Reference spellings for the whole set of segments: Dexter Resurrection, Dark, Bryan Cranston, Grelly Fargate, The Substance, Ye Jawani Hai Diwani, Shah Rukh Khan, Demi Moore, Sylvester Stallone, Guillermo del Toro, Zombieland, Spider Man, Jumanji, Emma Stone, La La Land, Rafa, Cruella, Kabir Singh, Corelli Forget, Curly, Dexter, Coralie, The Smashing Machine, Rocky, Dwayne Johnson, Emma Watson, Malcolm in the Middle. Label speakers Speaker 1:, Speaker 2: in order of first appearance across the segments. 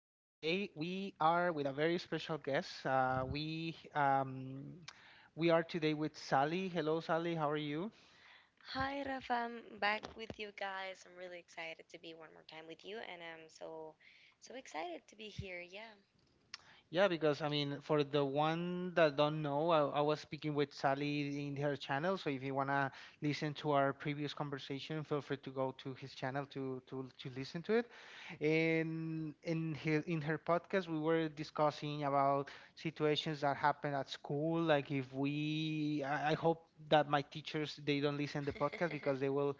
Speaker 1: we are with a very special guest. We are today with Sally. Hello, Sally. How are you?
Speaker 2: Hi, Rafa. I'm back with you guys. I'm really excited to be one more time with you, and I'm so, so excited to be here. Yeah,
Speaker 1: Yeah, because I mean, for the one that don't know, I was speaking with Sally in her channel. So if you wanna listen to our previous conversation, feel free to go to his channel to listen to it. And in her podcast, we were discussing about situations that happen at school. Like if we, I hope that my teachers they don't listen the podcast because they will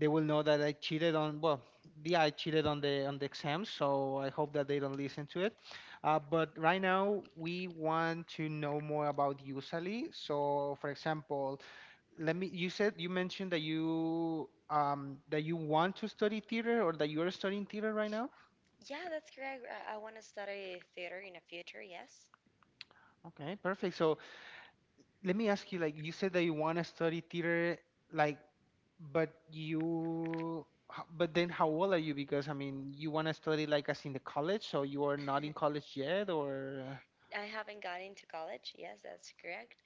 Speaker 1: they will know that I cheated on, well, yeah, I cheated on the exams, so I hope that they don't listen to it. But right now we want to know more about Usali. So for example, let me you said you mentioned that you want to study theater or that you are studying theater right now.
Speaker 2: yeah, that's correct. I want to study theater in the future. Yes,
Speaker 1: Okay, perfect. So let me ask you, like you said that you want to study theater, like, but you but then how old are you? Because I mean, you want to study like as in the college, so you are not in college yet, or
Speaker 2: I haven't gone into college. Yes, that's correct.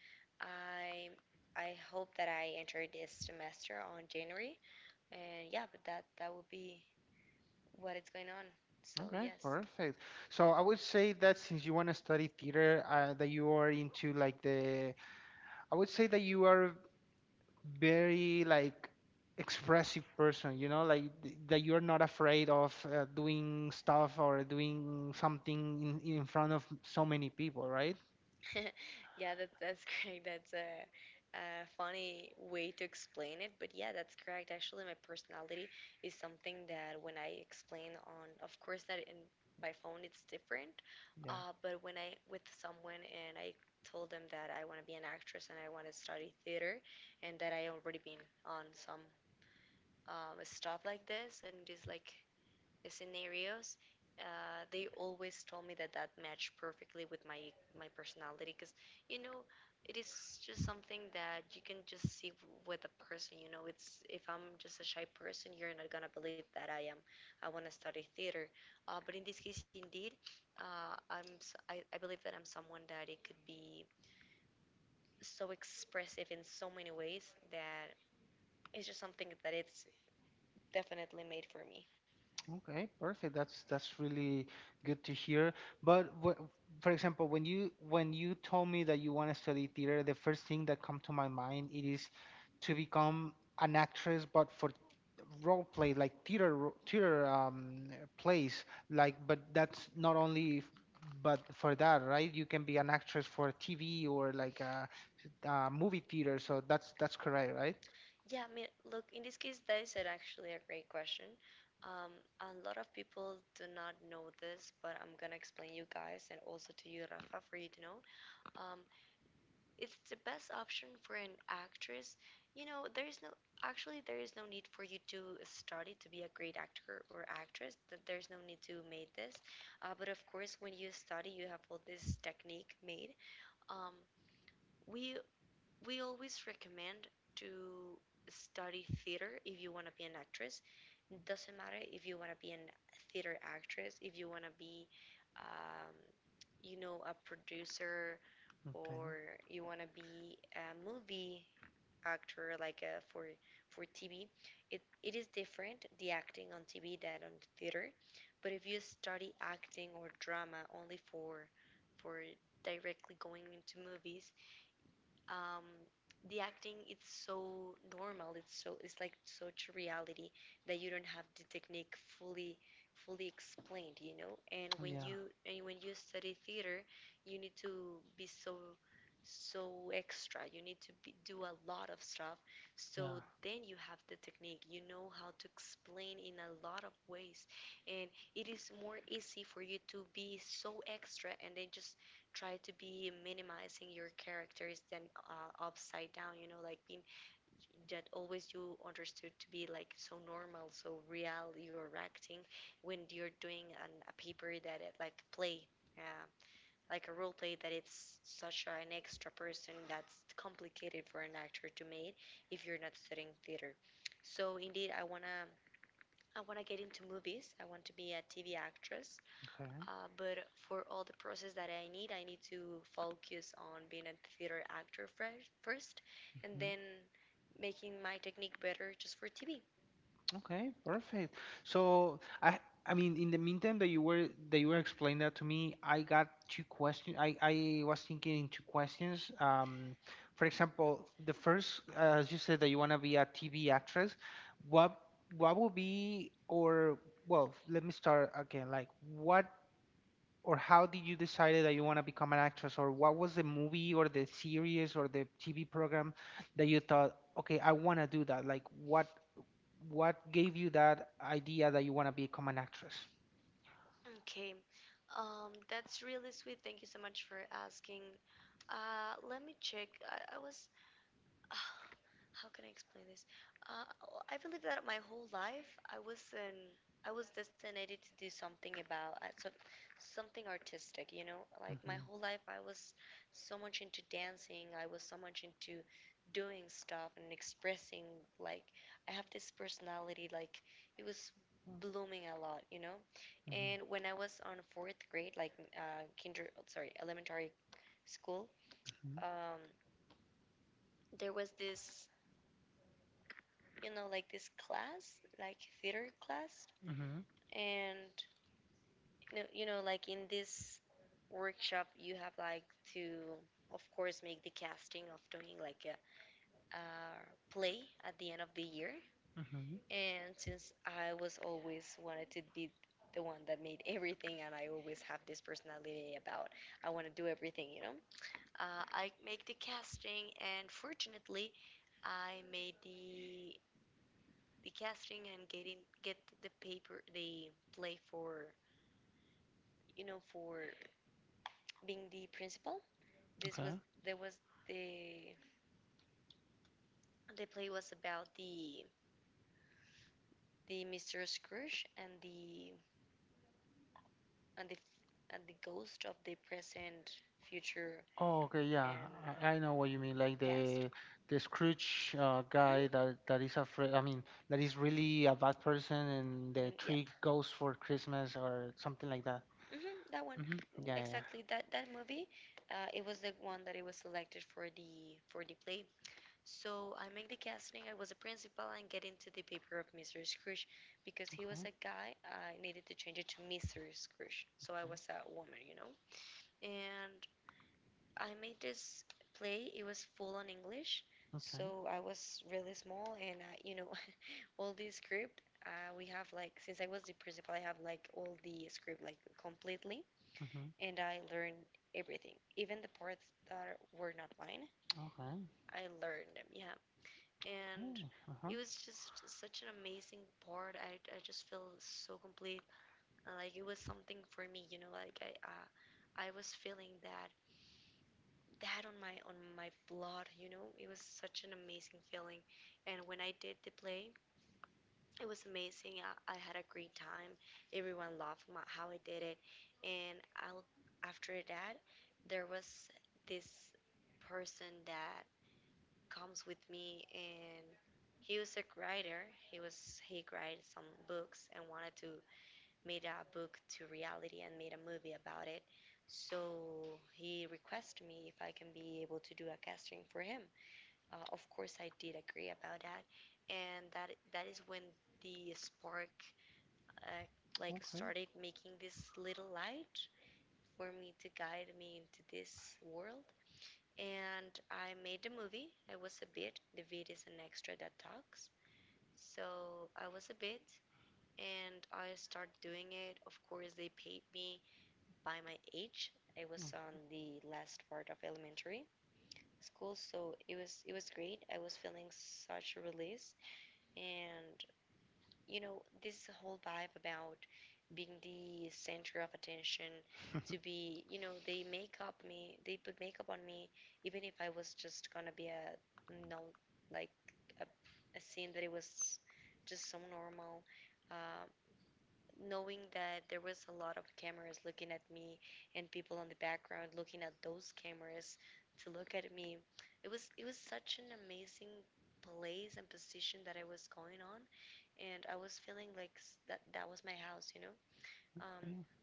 Speaker 2: I, I hope that I enter this semester on January, and yeah, but that will be what it's going on. So
Speaker 1: okay,
Speaker 2: yes.
Speaker 1: perfect. So I would say that since you want to study theater, that you are into like the, I would say that you are very like expressive person, you know, like that you're not afraid of doing stuff or doing something in front of so many people, right?
Speaker 2: Yeah, that's correct. That's a funny way to explain it, but yeah, that's correct. Actually, my personality is something that when I explain on, of course, that in by phone it's different,
Speaker 1: Yeah.
Speaker 2: but when I with someone and I told them that I want to be an actress and I want to study theater, and that I already been on some stuff like this, and it is like scenarios, they always told me that that matched perfectly with my personality because you know it is just something that you can just see with a person. You know, it's if I'm just a shy person, you're not gonna believe that I am. I want to study theater, but in this case, indeed, uh, I believe that I'm someone that it could be so expressive in so many ways that it's just something that it's definitely made for me.
Speaker 1: Okay, perfect. That's really good to hear. But for example, when you told me that you want to study theater, the first thing that come to my mind it is to become an actress, but for role play, like theater theater plays. Like, but that's not only but for that, right? You can be an actress for TV or like a, movie theater. So that's correct, right?
Speaker 2: Yeah, I mean, look, in this case, that is actually a great question. Um, a lot of people do not know this, but I'm gonna explain you guys and also to you, Rafa, for you to know. Um, it's the best option for an actress. You know, there is no actually there is no need for you to study to be a great actor or actress. There's no need to make this. But of course, when you study, you have all this technique made. Um, we we always recommend to study theater if you want to be an actress. It doesn't matter if you want to be an theater actress, if you want to be, um, you know, a producer, or
Speaker 1: Okay.
Speaker 2: you want to be a movie actor, like for TV. It is different the acting on TV than on theater. But if you study acting or drama only for for directly going into movies, um, the acting it's so normal it's so it's like such a reality that you don't have the technique fully explained, you know. And when
Speaker 1: Yeah.
Speaker 2: you and when you study theater you need to be so extra, you need to be, do a lot of stuff so
Speaker 1: Yeah.
Speaker 2: then you have the technique, you know how to explain in a lot of ways, and it is more easy for you to be so extra and then just try to be minimizing your characters than upside down, you know, like being that always you understood to be like so normal so real you're acting when you're doing a paper that it like play uh, like a role play that it's such an extra person that's complicated for an actor to make if you're not studying theater. So indeed I want to get into movies. I want to be a TV actress,
Speaker 1: Okay.
Speaker 2: but for all the process that I need to focus on being a theater actor fresh, first, and
Speaker 1: Mm-hmm.
Speaker 2: then making my technique better just for TV.
Speaker 1: Okay, perfect. So I mean in the meantime that you were explaining that to me, I got two questions. I was thinking in two questions. For example, the first, as you said that you want to be a TV actress, what what would be or well, let me start again. Like what or how did you decide that you want to become an actress? Or what was the movie or the series or the TV program that you thought, okay, I want to do that? Like what gave you that idea that you want to become an actress?
Speaker 2: Okay, that's really sweet. Thank you so much for asking. Let me check. I was how can I explain this? Uh, I believe that my whole life I was destinated to do something about something artistic. You know, like my
Speaker 1: Mm-hmm.
Speaker 2: whole life I was so much into dancing. I was so much into doing stuff and expressing. Like I have this personality. Like it was blooming a lot. You know,
Speaker 1: Mm-hmm.
Speaker 2: and when I was on fourth grade, like elementary school, um, there was this, you know, like this class, like theater class,
Speaker 1: Mm-hmm.
Speaker 2: and like in this workshop, you have like to, of course, make the casting of doing like a play at the end of the year.
Speaker 1: Mm-hmm.
Speaker 2: And since I was always wanted to be the one that made everything, and I always have this personality about I want to do everything, you know, I make the casting, and fortunately, I made the casting and getting get the paper the play for, you know, for being the principal. This was
Speaker 1: Okay.
Speaker 2: there was the play was about the Mr. Scrooge and and the the ghost of the present, future,
Speaker 1: Oh, okay. Yeah,
Speaker 2: and
Speaker 1: I know what you mean. Like
Speaker 2: past.
Speaker 1: the Scrooge guy
Speaker 2: Mm-hmm.
Speaker 1: that is afraid. I mean, that is really a bad person, and the
Speaker 2: Mm, yep,
Speaker 1: tree goes for Christmas or something like that.
Speaker 2: hmm that one
Speaker 1: Mm-hmm. Yeah, yeah, yeah.
Speaker 2: exactly. That that movie, it was the one that it was selected for the play. So I make the casting. I was a principal and get into the paper of Mr. Scrooge because he was
Speaker 1: Okay.
Speaker 2: a guy. I needed to change it to Mr. Scrooge. So I
Speaker 1: Okay.
Speaker 2: was a woman, you know. And I made this play. It was full on English.
Speaker 1: Okay.
Speaker 2: So I was really small and I, you know, all the script we have like since I was the principal, I have like all the script like completely,
Speaker 1: Mm-hmm.
Speaker 2: and I learned everything, even the parts that were not mine.
Speaker 1: Okay.
Speaker 2: I learned them. Yeah. And
Speaker 1: Okay. Uh-huh.
Speaker 2: it was just such an amazing part. I just feel so complete. Like it was something for me, you know. Like I was feeling that that on my blood, you know. It was such an amazing feeling. And when I did the play, it was amazing. I had a great time. Everyone loved my, how I did it. And I'll after that, there was this person that comes with me, and he was a writer. He wrote some books and wanted to made a book to reality and made a movie about it. So he requested me if I can be able to do a casting for him. Of course, I did agree about that, and that is when the spark uh, like
Speaker 1: Okay.
Speaker 2: started making this little light for me to guide me into this world, and I made the movie. I was a bit. The bit is an extra that talks. So I was a bit and I started doing it. Of course, they paid me by my age. I was on the last part of elementary school, so it was great. I was feeling such a release and, you know, this whole vibe about being the center of attention, to be, you know, they make up me, they put makeup on me, even if I was just gonna be a, no, like a, a scene that it was just so normal. Um, knowing that there was a lot of cameras looking at me and people on the background looking at those cameras to look at me, it was such an amazing place and position that I was going on, and I was feeling like that that was my house, you know. Um
Speaker 1: Okay.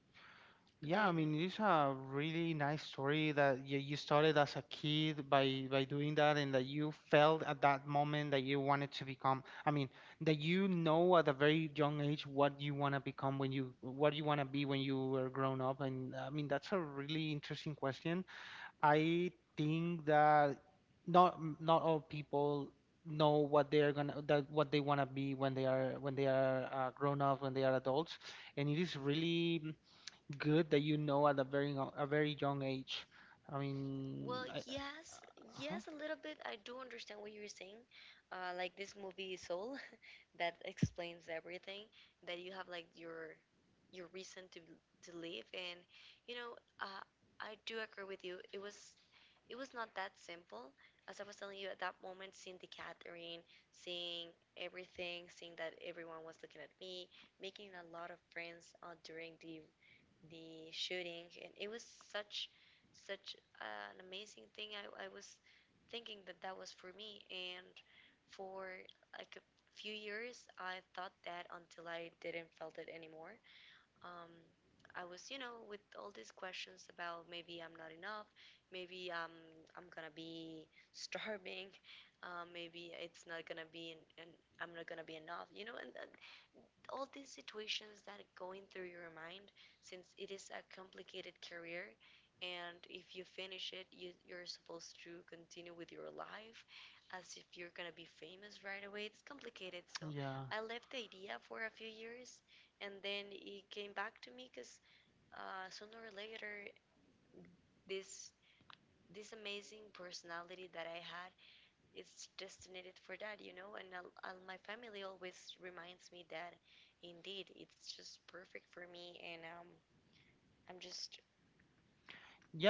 Speaker 1: Yeah, I
Speaker 2: then
Speaker 1: mean, it's a really nice story that you started as a kid by doing that, and that you felt at that moment that you wanted to become. I mean, that you know at a very young age what you want to become when you what you want to be when you are grown up. And I mean, that's a really interesting question. I think that not all people know what they're gonna that what they want to be when they are grown up, when they are adults, and it is really good that you know at a very young age. I mean,
Speaker 2: well, yes,
Speaker 1: uh-huh,
Speaker 2: yes, a little bit I do understand what you're saying. Like this movie Soul that explains everything that you have like your reason to live, and you know, I do agree with you. It was not that simple as I was telling you. At that moment, seeing the catering, seeing everything, seeing that everyone was looking at me, making a lot of friends during the shooting, and it was such such an amazing thing. I was thinking that that was for me, and for like a few years I thought that until I didn't felt it anymore. um, I was, you know, with all these questions about maybe I'm not enough, maybe I'm gonna be starving, maybe it's not gonna be, and I'm not gonna be enough, you know. And all these situations that are going through your mind, since it is a complicated career, and if you finish it, you, you're supposed to continue with your life as if you're gonna be famous right away. It's complicated, so
Speaker 1: yeah.
Speaker 2: I left the idea for a few years, and then it came back to me because sooner or later, this amazing personality that I had, it's destined for that, you know. And my family always reminds me that indeed it's just perfect for me, and I'm just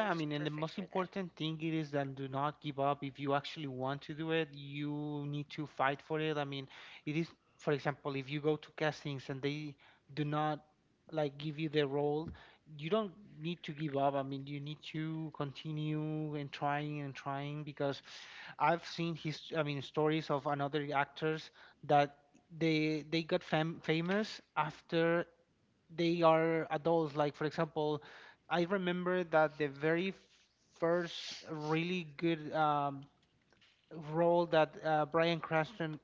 Speaker 2: I'm
Speaker 1: I
Speaker 2: just
Speaker 1: mean, and the
Speaker 2: perfect
Speaker 1: most
Speaker 2: for that.
Speaker 1: important thing it is that do not give up. If you actually want to do it, you need to fight for it. I mean, it is, for example, if you go to castings and they do not like give you the role, you don't need to give up. I mean, you need to continue and trying because I've seen his, I mean, stories of another actors that they got famous after they are adults. Like, for example, I remember that the very first really good role that Bryan Cranston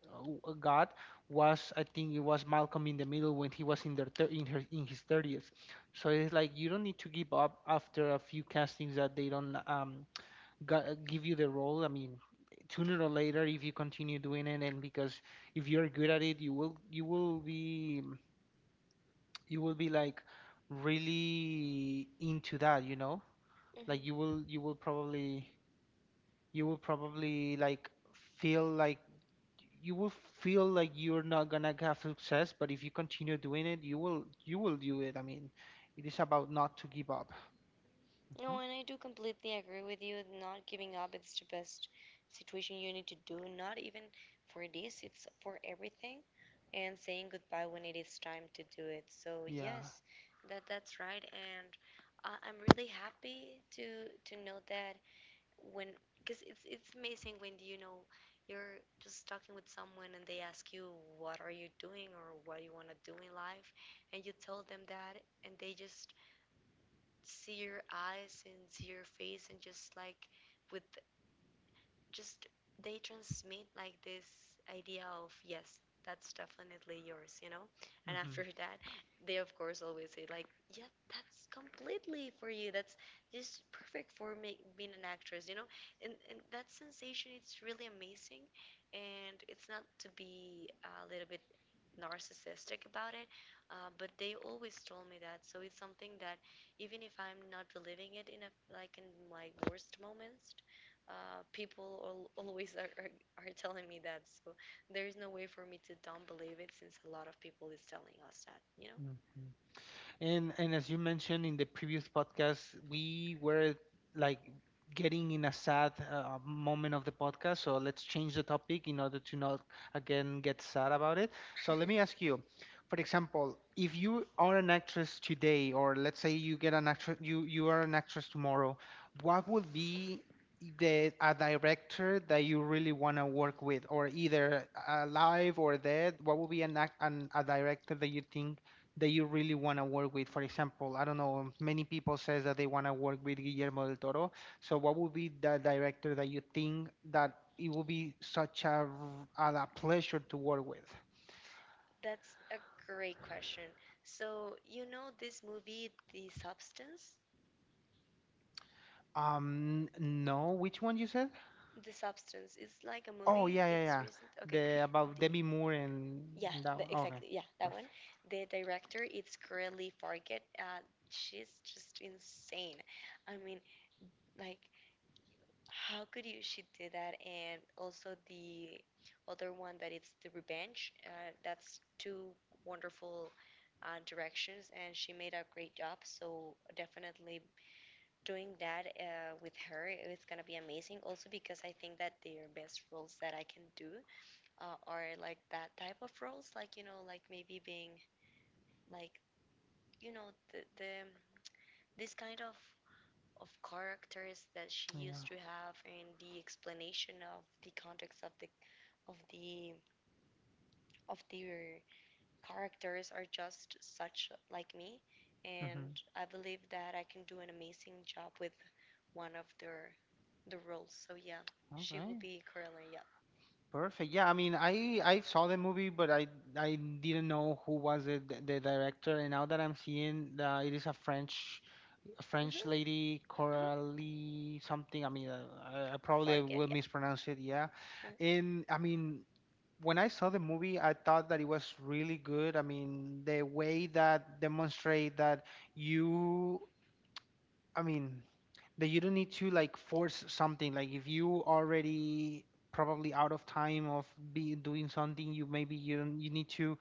Speaker 1: got was, I think it was Malcolm in the Middle when he was in their thir- in her in his 30s. So it's like you don't need to give up after a few castings that they don't give you the role. I mean, sooner or later, if you continue doing it, and because if you're good at it, you will be like really into that, you know? Like
Speaker 2: hmm
Speaker 1: you will probably like feel like you will feel like you're not gonna have success, but if you continue doing it, you will do it. I mean, it is about not to give up. Hmm.
Speaker 2: No, and I do completely agree with you. Not giving up it's the best situation you need to do. Not even for this, it's for everything, and saying goodbye when it is time to do it. So
Speaker 1: Yeah.
Speaker 2: yes, that's right, and I'm really happy to know that when because it's amazing when you know you're just talking with someone and they ask you what are you doing or what you want to do in life and you tell them that and they just see your eyes and see your face and just like with just they transmit like this idea of yes, that's definitely yours, you know. And after that they of course always say like yeah, that's completely for you, that's just perfect for me being an actress, and that sensation it's really amazing and it's not to be a little bit narcissistic about it. But they always told me that, so it's something that even if I'm not believing it in a like in my worst moments, people always are telling me that. So there is no way for me to don't believe it since a lot of people is telling us that, you know?
Speaker 1: Hmm. And as you mentioned in the previous podcast, we were like getting in a sad moment of the podcast. So let's change the topic in order to not again get sad about it. So let me ask you, for example, if you are an actress today, or let's say you get an actress, you are an actress tomorrow, what would be the a director that you really want to work with, or either alive or dead? What would be an, ac- an a director that you think? That you really want to work with? For example, I don't know, many people says that they want to work with Guillermo del Toro. So what would be the director that you think that it would be such a pleasure to work with?
Speaker 2: That's a great question. So, you know this movie, The Substance?
Speaker 1: No, which one you said?
Speaker 2: The Substance. It's like a
Speaker 1: Oh,
Speaker 2: movie.
Speaker 1: yeah, yeah,
Speaker 2: It's
Speaker 1: yeah.
Speaker 2: recent. Okay.
Speaker 1: The, about
Speaker 2: The,
Speaker 1: Demi Moore and,
Speaker 2: yeah,
Speaker 1: and that one. Okay,
Speaker 2: exactly. Yeah, that one.
Speaker 1: perfect.
Speaker 2: The director, it's Grelly Fargate. She's just insane. I mean, like how could you she do that? And also the other one that it's The Revenge. That's two wonderful directions, and she made a great job. So definitely doing that with her, it's gonna be amazing. Also because I think that their best roles that I can do are like that type of roles, like you know, like maybe being like you know the this kind of characters that she
Speaker 1: Yeah.
Speaker 2: used to have, and the explanation of the context of the of the of their characters are just such like me. And
Speaker 1: Hmm.
Speaker 2: I believe that I can do an amazing job with one of their the roles. So yeah, she will
Speaker 1: Okay.
Speaker 2: be Caroline. Yeah.
Speaker 1: Perfect. Yeah, I mean, I saw the movie, but I didn't know who was the director, and now that I'm seeing that it is a French
Speaker 2: Mhm.
Speaker 1: Lady,
Speaker 2: Mhm.
Speaker 1: Coralie something. I mean, I probably
Speaker 2: Forget.
Speaker 1: will mispronounce it. Yeah,
Speaker 2: Yeah.
Speaker 1: and I mean, when I saw the movie, I thought that it was really good. I mean, the way that demonstrate that you, I mean, that you don't need to like force something. Like if you already probably out of time of be doing something, you maybe you don't, you need to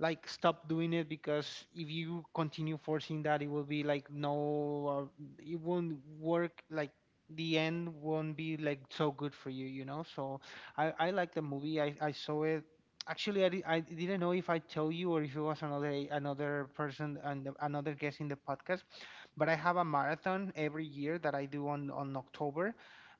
Speaker 1: like stop doing it, because if you continue forcing that, it will be like no, it won't work, like the end won't be like so good for you you know So I like the movie. I saw it. Actually, I didn't know if I told you or if it was another person and another guest in the podcast, but I have a marathon every year that I do on October,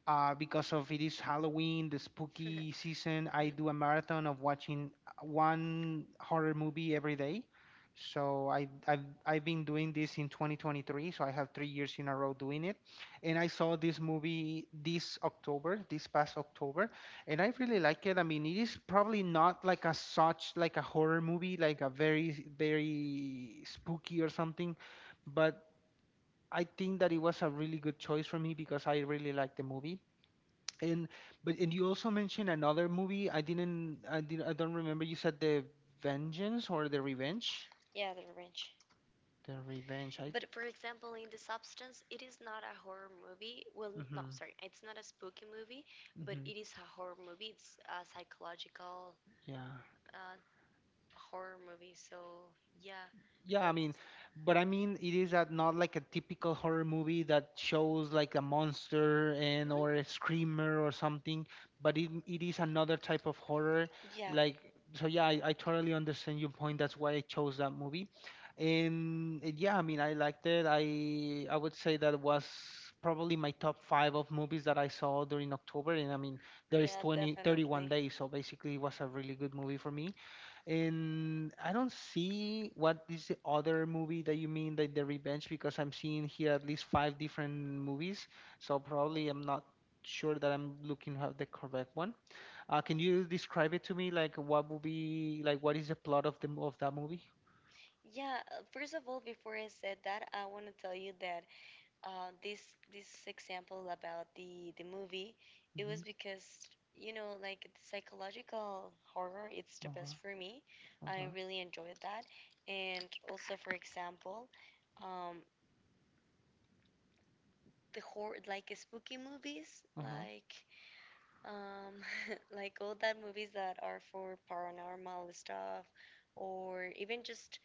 Speaker 1: because of it is Halloween, the spooky season, I
Speaker 2: Mhm.
Speaker 1: do a marathon of watching one horror movie every day. So I've been doing this in 2023. So I have 3 years in a row doing it, and I saw this movie this October, this past October, and I really like it. I mean, it is probably not like a such like a horror movie, like a very very spooky or something, but I think that it was a really good choice for me because I really like the movie. And and you also mentioned another movie. I didn't. I didn't. I don't remember. You said the Vengeance or the Revenge.
Speaker 2: Yeah, The Revenge.
Speaker 1: The Revenge. I.
Speaker 2: But for example, in The Substance, it is not a horror movie. Well, no,
Speaker 1: Mm-hmm.
Speaker 2: sorry, it's not a spooky movie, but
Speaker 1: Mm-hmm.
Speaker 2: it is a horror movie. It's a psychological
Speaker 1: Yeah.
Speaker 2: uh, horror movie. So yeah,
Speaker 1: Yeah, I mean,
Speaker 2: that's
Speaker 1: but I mean, it is that not like a typical horror movie that shows like a monster and
Speaker 2: mhm,
Speaker 1: or a screamer or something, but it is another type of horror.
Speaker 2: yeah,
Speaker 1: Like, so yeah, I totally understand your point. That's why I chose that movie. And yeah, I mean, I liked it. I would say that was probably my top five of movies that I saw during October. And I mean, there is
Speaker 2: yeah,
Speaker 1: 20 31
Speaker 2: definitely.
Speaker 1: days, so basically it was a really good movie for me. And I don't see what is the other movie that you mean like the revenge, because I'm seeing here at least five different movies. So probably I'm not sure that I'm looking at the correct one. Can you describe it to me? Like what would be, like what is the plot of of that movie?
Speaker 2: Yeah, first of all, before I said that, I want to tell you that this this example about the movie, it
Speaker 1: Mm-hmm.
Speaker 2: was because you know like the psychological horror, it's the
Speaker 1: Uh-huh.
Speaker 2: best for me. I
Speaker 1: Uh-huh.
Speaker 2: really enjoyed that, and also for example, um, the horror like spooky movies,
Speaker 1: Uh-huh.
Speaker 2: like um, like all that movies that are for paranormal stuff, or even just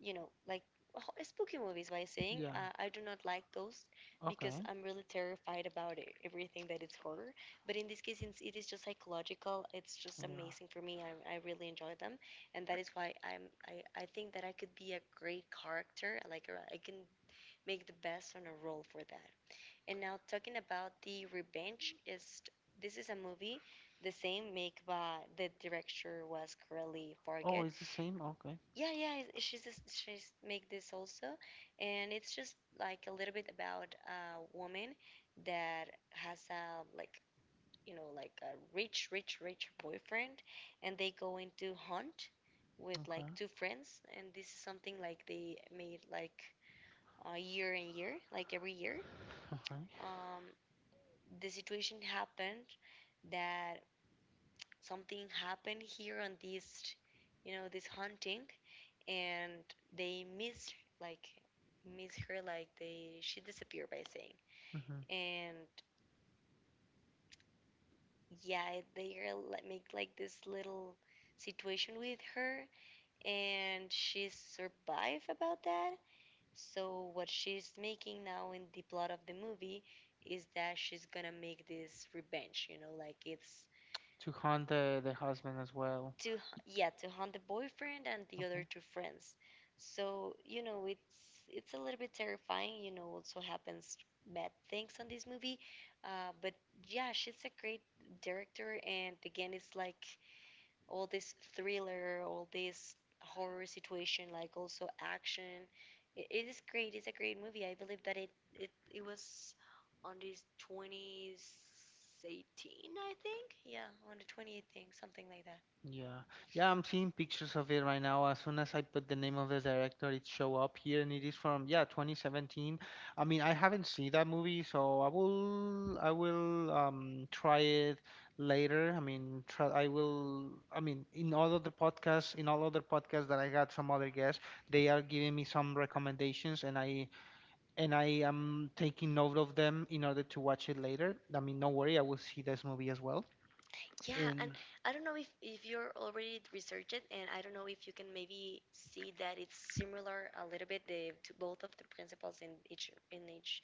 Speaker 2: you know, like spooky movies by saying
Speaker 1: Yeah.
Speaker 2: I do not like those because
Speaker 1: Okay.
Speaker 2: I'm really terrified about it, everything that it's horror. But in this case, since it is just psychological, it's just
Speaker 1: Yeah.
Speaker 2: amazing for me. I really enjoy them, and that is why I'm I think that I could be a great character. Like I can make the best on a role for that. And now talking about The Revenge is this is a movie the same make by the director was Corelli
Speaker 1: Oh,
Speaker 2: Forget.
Speaker 1: it's the same? Okay. Okay.
Speaker 2: Yeah, she's just, she's make this also, and it's just like a little bit about a woman that has a like you know like a rich boyfriend, and they go into hunt with like two friends, and this is something like they made like a year and year, like every year.
Speaker 1: Okay.
Speaker 2: um, the situation happened that something happened here on this, you know, this hunting, and they missed like miss her, like they she disappeared by saying.
Speaker 1: Mm-hmm.
Speaker 2: And yeah, they like, make like this little situation with her, and she survived about that. So what she's making now in the plot of the movie is that she's gonna make this revenge, you know, like it's
Speaker 1: To hunt the husband as well.
Speaker 2: to h- yeah, to hunt the boyfriend and the other
Speaker 1: Okay.
Speaker 2: two friends. So you know it's a little bit terrifying, you know, also happens bad things on this movie. But yeah, she's a great director, and again it's like all this thriller, all this horror situation, like also action, it is great, it's a great movie. I believe that it it was on this 2018, I think, yeah, on the 2018, something like that.
Speaker 1: Yeah, yeah, I'm seeing pictures of it right now. As soon as I put the name of the director, it show up here, and it is from yeah 2017. I mean, I haven't seen that movie, so I will try it later. I mean, try, I will. I mean, in all other podcasts, in all other podcasts that I got some other guests, they are giving me some recommendations, and I am taking note of them in order to watch it later. I mean, no worry, I will see this movie as well.
Speaker 2: Yeah, and
Speaker 1: And
Speaker 2: I don't know if you're already researched it, and I don't know if you can maybe see that it's similar a little bit the, to both of the principles in each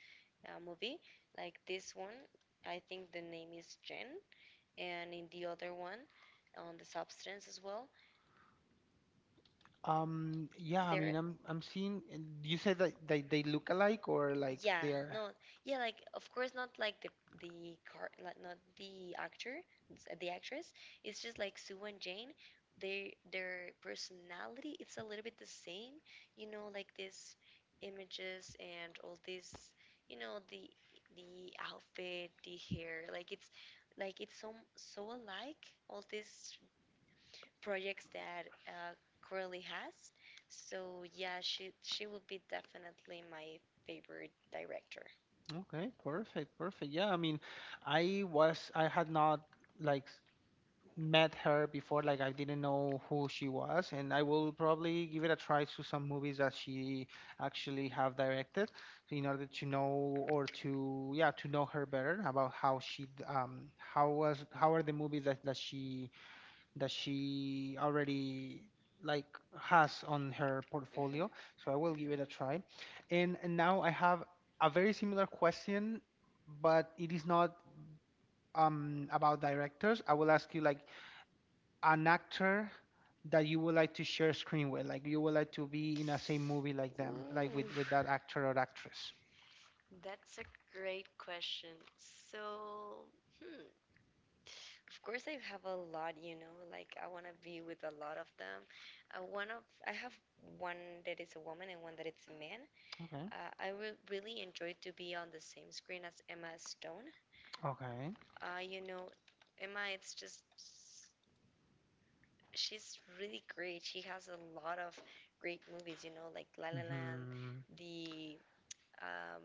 Speaker 2: movie. Like this one, I think the name is Jen, and in the other one, on the substance as well,
Speaker 1: Yeah, I mean,
Speaker 2: they're
Speaker 1: I'm seeing. And You said that they look alike or like
Speaker 2: yeah,
Speaker 1: they are.
Speaker 2: no, yeah, like of course not like the car, like not the actor, the actress. It's just like Sue and Jane. Their personality, it's a little bit the same, you know, like these images and all this, you know, the outfit, the hair, like it's so so alike. All these projects that Curly has. So yeah, she will be definitely my favorite director.
Speaker 1: Okay, perfect, perfect. Yeah, I mean, I was I had not like met her before. Like I didn't know who she was, and I will probably give it a try to some movies that she actually have directed in order to know or to yeah to know her better about how she how was how are the movies that that she already like has on her
Speaker 2: Mhm,
Speaker 1: portfolio. So I will give
Speaker 2: mhm.
Speaker 1: it a try. And now I have a very similar question, but it is not about directors. I will ask you like an actor that you would like to share screen with, like you would like to be in a same movie like them, like
Speaker 2: Ooh,
Speaker 1: with that actor or actress.
Speaker 2: that's a great question. So, hmm, of course I have a lot, you know, like I want to be with a lot of them. One of I have one that is a woman and one that it's a man.
Speaker 1: Okay.
Speaker 2: I would really enjoy to be on the same screen as Emma Stone.
Speaker 1: Okay.
Speaker 2: You know, Emma, it's just she's really great. She has a lot of great movies, you know, like La La Land,
Speaker 1: Hmm.
Speaker 2: the um,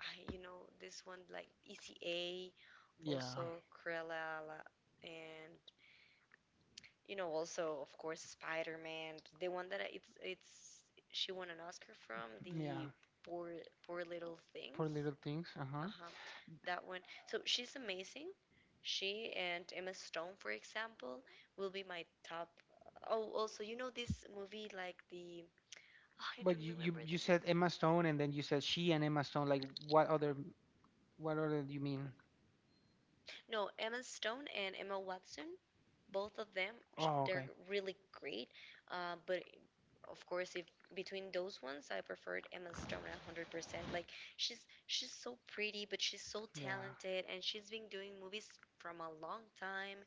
Speaker 2: I, you know this one like ECA,
Speaker 1: Yeah.
Speaker 2: also Cruella, and you know also of course Spider Man, the one that it's she won an Oscar from
Speaker 1: Yeah.
Speaker 2: the poor poor little things,
Speaker 1: Poor little things. Uh huh.
Speaker 2: uh huh, that one. So she's amazing. She and Emma Stone, for example, will be my top. Oh, also you know this movie like the oh, I
Speaker 1: But
Speaker 2: don't
Speaker 1: you, you
Speaker 2: remember
Speaker 1: you
Speaker 2: the name.
Speaker 1: said Emma Stone and then you said she and Emma Stone. Like what other do you mean?
Speaker 2: No, Emma Stone and Emma Watson, both of them
Speaker 1: Oh,
Speaker 2: they're
Speaker 1: okay.
Speaker 2: really great. But of course if between those ones I preferred Emma Stone 100%. Like she's so pretty, but she's so
Speaker 1: Yeah.
Speaker 2: talented, and she's been doing movies from a long time,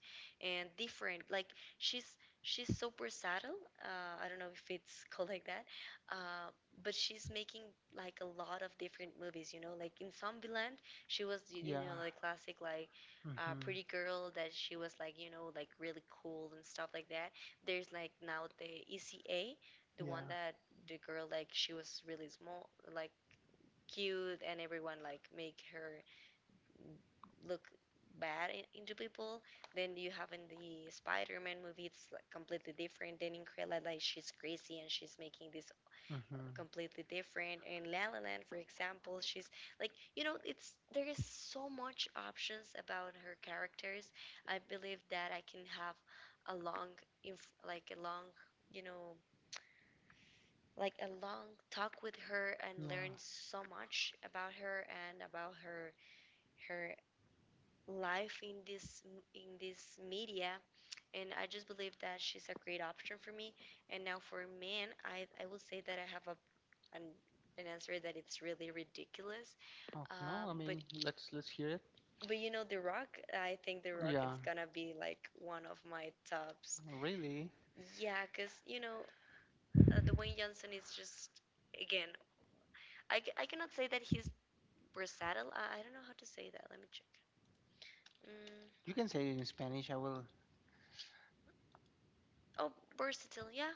Speaker 2: and different like she's she's so versatile. I don't know if it's called like that. uh, but she's making like a lot of different movies, you know, like in Zombieland she was you, you know
Speaker 1: Yeah.
Speaker 2: the classic like
Speaker 1: Mhm.
Speaker 2: pretty girl that she was like, you know, like really cool and stuff like that. There's like now the ECA, the one
Speaker 1: Yeah.
Speaker 2: that the girl like she was really small, like cute, and everyone like make her look bad in, into people. Then you have in the Spider-Man movie, it's like completely different. Then in Incrella like she's crazy, and she's making this
Speaker 1: Mhm.
Speaker 2: completely different. And La La Land, for example, she's like you know it's there is so much options about her characters. I believe that I can have a long like a long, you know, like a long talk with her and
Speaker 1: Yeah.
Speaker 2: learned so much about her and about her her life in this media, and I just believe that she's a great option for me. And now for men, I will say that I have a an, an answer that it's really ridiculous.
Speaker 1: Oh, no,
Speaker 2: um,
Speaker 1: I
Speaker 2: but
Speaker 1: mean, let's hear it.
Speaker 2: but you know, The Rock, I think The Rock
Speaker 1: Yeah.
Speaker 2: is gonna be like one of my tops.
Speaker 1: Really?
Speaker 2: Yeah, because you know, Dwayne Johnson is just again, I cannot say that he's versatile. I don't know how to say that. Let me check. Mm,
Speaker 1: You can say it in Spanish. I will
Speaker 2: oh, versatile. Yeah,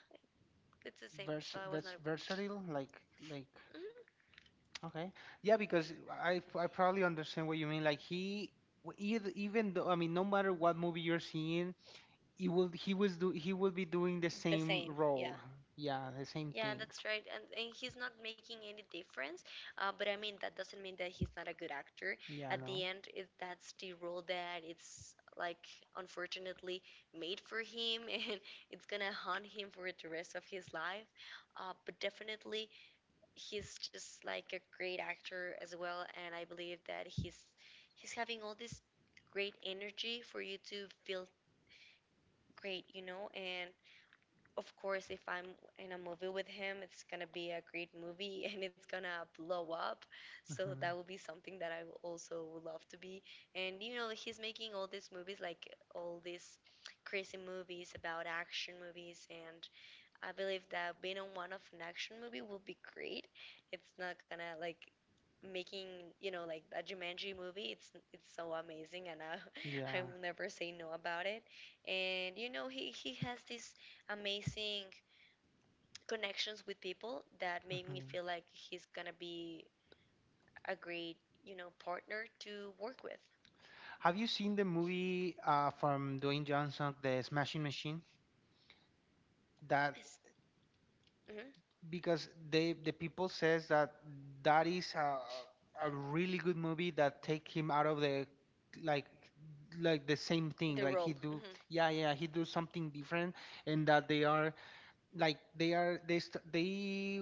Speaker 2: it's the same. So I was not
Speaker 1: versatile like
Speaker 2: mhm,
Speaker 1: okay. Yeah, because I probably understand what you mean. Like he either, even though I mean no matter what movie you're seeing, he will he was do he will be doing the
Speaker 2: the
Speaker 1: same
Speaker 2: same. Yeah.
Speaker 1: role. Yeah, the same
Speaker 2: Yeah,
Speaker 1: thing.
Speaker 2: that's right. And he's not making any difference. But I mean, that doesn't mean that he's not a good actor.
Speaker 1: Yeah,
Speaker 2: At the
Speaker 1: no.
Speaker 2: end, it, that's the role that it's like unfortunately made for him, and it's gonna haunt him for the rest of his life. But definitely, he's just like a great actor as well, and I believe that he's having all this great energy for you to feel great, you know. And of course if I'm in a movie with him, it's gonna be a great movie and it's gonna blow up. So that
Speaker 1: Hmm.
Speaker 2: will be something that I will also would love to be. And you know he's making all these movies like all these crazy movies about action movies, and I believe that being on one of an action movie will be great. It's not gonna like making, you know, like a Jumanji movie. It's so amazing, and I I
Speaker 1: Yeah.
Speaker 2: will never say no about it. And you know he has these amazing connections with people that make me
Speaker 1: Hmm.
Speaker 2: feel like he's gonna be a great, you know, partner to work with.
Speaker 1: Have you seen the movie from Dwayne Johnson, The Smashing Machine? That
Speaker 2: It's, mhm,
Speaker 1: because they the people says that that is a really good movie that take him out of the like like the same thing
Speaker 2: the
Speaker 1: like he
Speaker 2: role.
Speaker 1: do
Speaker 2: Hmm.
Speaker 1: yeah yeah he do something different and that they are like they are they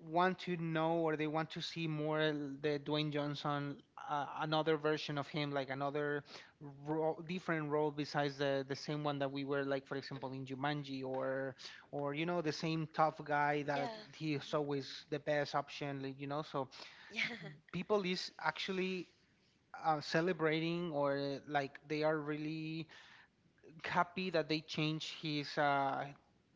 Speaker 1: want to know or they want to see more the Dwayne Johnson, another version of him like another role, different role besides the same one that we were like for example in
Speaker 2: Hmm.
Speaker 1: Jumanji or you know the same tough guy that
Speaker 2: Yeah.
Speaker 1: he is
Speaker 2: Hmm.
Speaker 1: always the best option like, you know, so
Speaker 2: Yeah.
Speaker 1: people is actually celebrating or like they are really happy that they changed his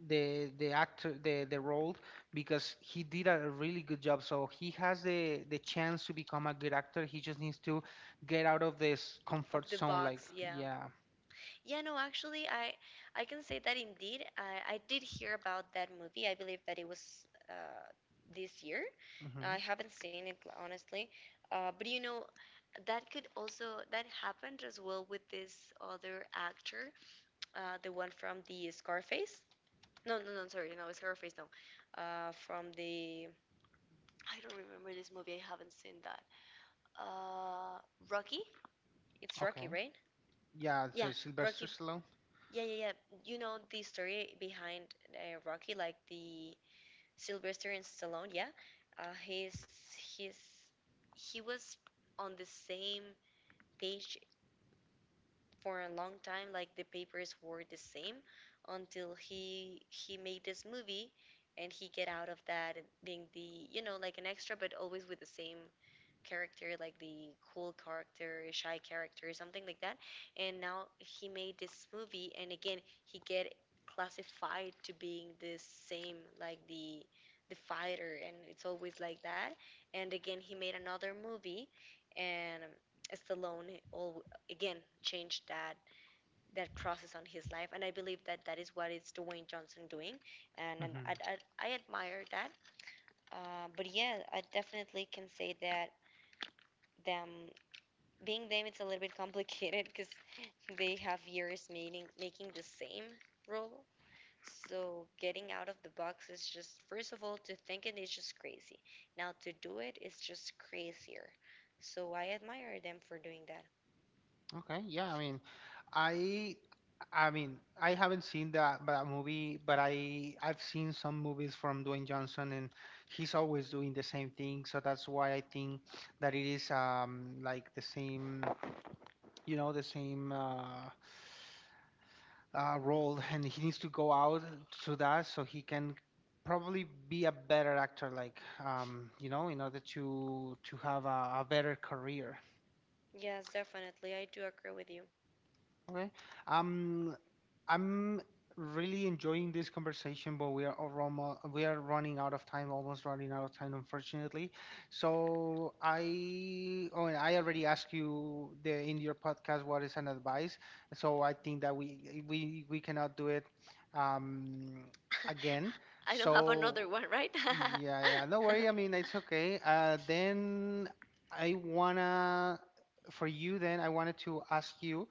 Speaker 1: the actor the role because he did a really good job. So he has the chance to become a good actor. He just needs to get out of this
Speaker 2: Of
Speaker 1: comfort
Speaker 2: the
Speaker 1: zone. Like
Speaker 2: box. Yeah.
Speaker 1: yeah,
Speaker 2: Yeah, no, actually, I can say that indeed, I did hear about that movie. I believe that it was this year. I
Speaker 1: hmm,
Speaker 2: haven't seen it honestly, but you know, that could also that happened as well with this other actor, the one from the Scarface. No, no, no, sorry, no, Scarface, no. From the I don't remember this movie. I haven't seen that. Uh, Rocky. It's Rocky,
Speaker 1: okay,
Speaker 2: right?
Speaker 1: yeah.
Speaker 2: Yeah,
Speaker 1: So Sylvester
Speaker 2: Rocky.
Speaker 1: Stallone.
Speaker 2: Yeah, yeah, yeah. You know the story behind Rocky, like the Sylvester and Stallone. Yeah, uh, his his he was on the same page for a long time. Like the papers were the same until he made this movie, and he get out of that and being the you know like an extra, but always with the same character, like the cool character, shy character, something like that. And now he made this movie, and again he get classified to being the same like the fighter, and it's always like that. And again he made another movie, and Stallone all again changed that process on his life, and I believe that that is what is Dwayne Johnson doing, and I admire that. But yeah, I definitely can say that them being them it's a little bit complicated because they have years making the same role, so getting out of the box is just first of all to think it is just crazy, now to do it is just crazier, so I admire them for doing that.
Speaker 1: Okay, yeah, I mean, I. I mean, I haven't seen that that movie, but I I've seen some movies from Dwayne Johnson and he's always doing the same thing, so that's why I think that it is like the same, you know, the same role and he needs to go out to that so he can probably be a better actor like you know, in order to have a better career
Speaker 2: Yes, definitely I do agree with you.
Speaker 1: okay. Um, I'm really enjoying this conversation, but we are almost, we are running out of time, almost running out of time, unfortunately. So I, oh, and I already asked you the in your podcast what is an advice. So I think that we we cannot do it um, again.
Speaker 2: I don't have another
Speaker 1: So
Speaker 2: one, right?
Speaker 1: yeah, yeah, no worry. I mean, it's okay. Then I wanna for you. Then I wanted to ask you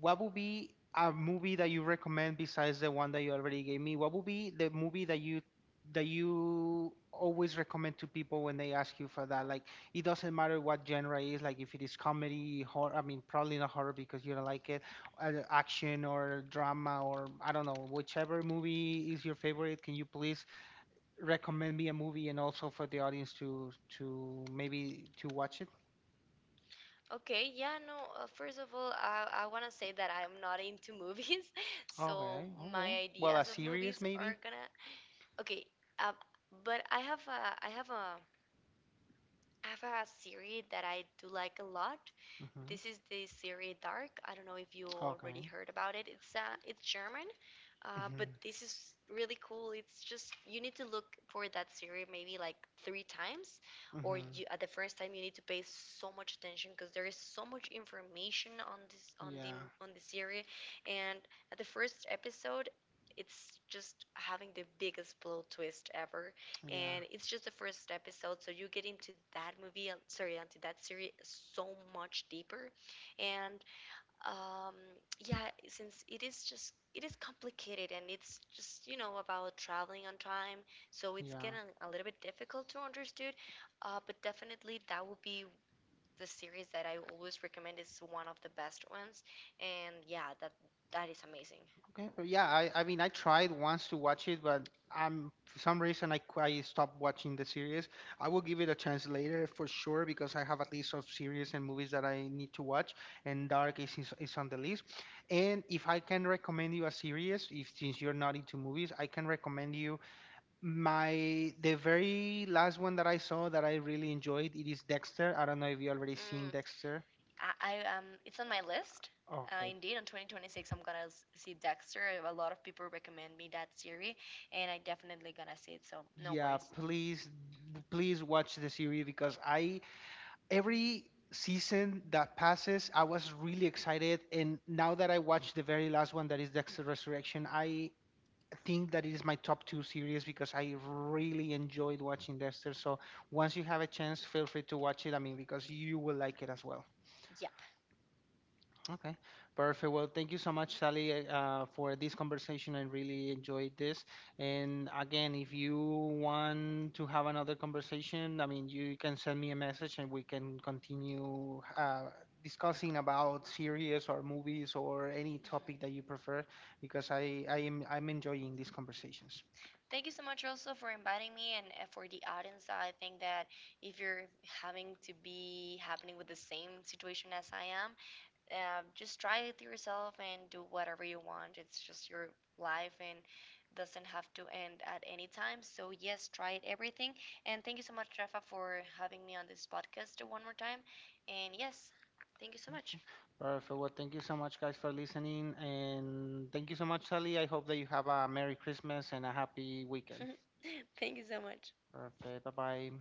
Speaker 1: what would be a movie that you recommend besides the one that you already gave me? What would be the movie that you always recommend to people when they ask you for that? Like it doesn't matter what genre it is, like if it is comedy, horror, I mean probably not horror because you don't like it, action or drama or I don't know, whichever movie is your favorite, can you please recommend me a movie and also for the audience to maybe to watch it?
Speaker 2: Okay, yeah, no. First of all, I want to say that I'm not into movies, so
Speaker 1: Okay,
Speaker 2: my
Speaker 1: okay. Well, a
Speaker 2: ideas of
Speaker 1: series
Speaker 2: movies are
Speaker 1: maybe?
Speaker 2: gonna Okay, um, but I have a series that I do like a lot.
Speaker 1: Hmm.
Speaker 2: This is the series Dark. I don't know if you already
Speaker 1: Okay.
Speaker 2: heard about it. It's German, but
Speaker 1: Mm-hmm.
Speaker 2: this is really cool. It's just you need to look for that series maybe like three times, or
Speaker 1: Mm-hmm.
Speaker 2: you at the first time you need to pay so much attention because there is so much information on this on the
Speaker 1: Yeah.
Speaker 2: on the series, and at the first episode, it's just having the biggest blow twist ever,
Speaker 1: Yeah.
Speaker 2: and it's just the first episode so you get into that movie, sorry, into that series so much deeper, and um, yeah, since it is just it is complicated and it's just you know about traveling on time, so it's getting
Speaker 1: Yeah.
Speaker 2: a little bit difficult to understand, but definitely that will be the series that I always recommend, is one of the best ones, and yeah, that that is amazing.
Speaker 1: Okay. But yeah, I mean, I tried once to watch it, but I'm for some reason I stopped watching the series. I will give it a chance later for sure because I have a list of series and movies that I need to watch, and Dark is on the list. And if I can recommend you a series, if since you're not into movies, I can recommend you my the very last one that I saw that I really enjoyed. It is Dexter. I don't know if you already
Speaker 2: Mm.
Speaker 1: seen Dexter.
Speaker 2: I It's on my list.
Speaker 1: Okay.
Speaker 2: Indeed, on 2026, I'm gonna see Dexter. A lot of people recommend me that series, and I definitely gonna see it. So no
Speaker 1: Yeah,
Speaker 2: worries.
Speaker 1: please, please watch the series because I every season that passes, I was really excited, and now that I watched the very last one, that is Dexter Resurrection, I think that it is my top two series because I really enjoyed watching Dexter. So once you have a chance, feel free to watch it. I mean, because you will like it as well.
Speaker 2: Yep.
Speaker 1: Okay, perfect. Well, thank you so much, Sally, for this conversation. I really enjoyed this. And again, if you want to have another conversation, I mean, you can send me a message and we can continue discussing about series or movies or any topic that you prefer because I'm enjoying these conversations.
Speaker 2: Thank you so much also for inviting me and for the audience. I think that if you're having to be happening with the same situation as I am, just try it yourself and do whatever you want. It's just your life and doesn't have to end at any time. So yes, try it everything. And thank you so much, Rafa, for having me on this podcast one more time. And yes, thank you so much.
Speaker 1: Perfect. Well, thank you so much, guys, for listening. And thank you so much, Sally. I hope that you have a Merry Christmas and a happy weekend.
Speaker 2: Thank you so much.
Speaker 1: Perfect. Bye bye.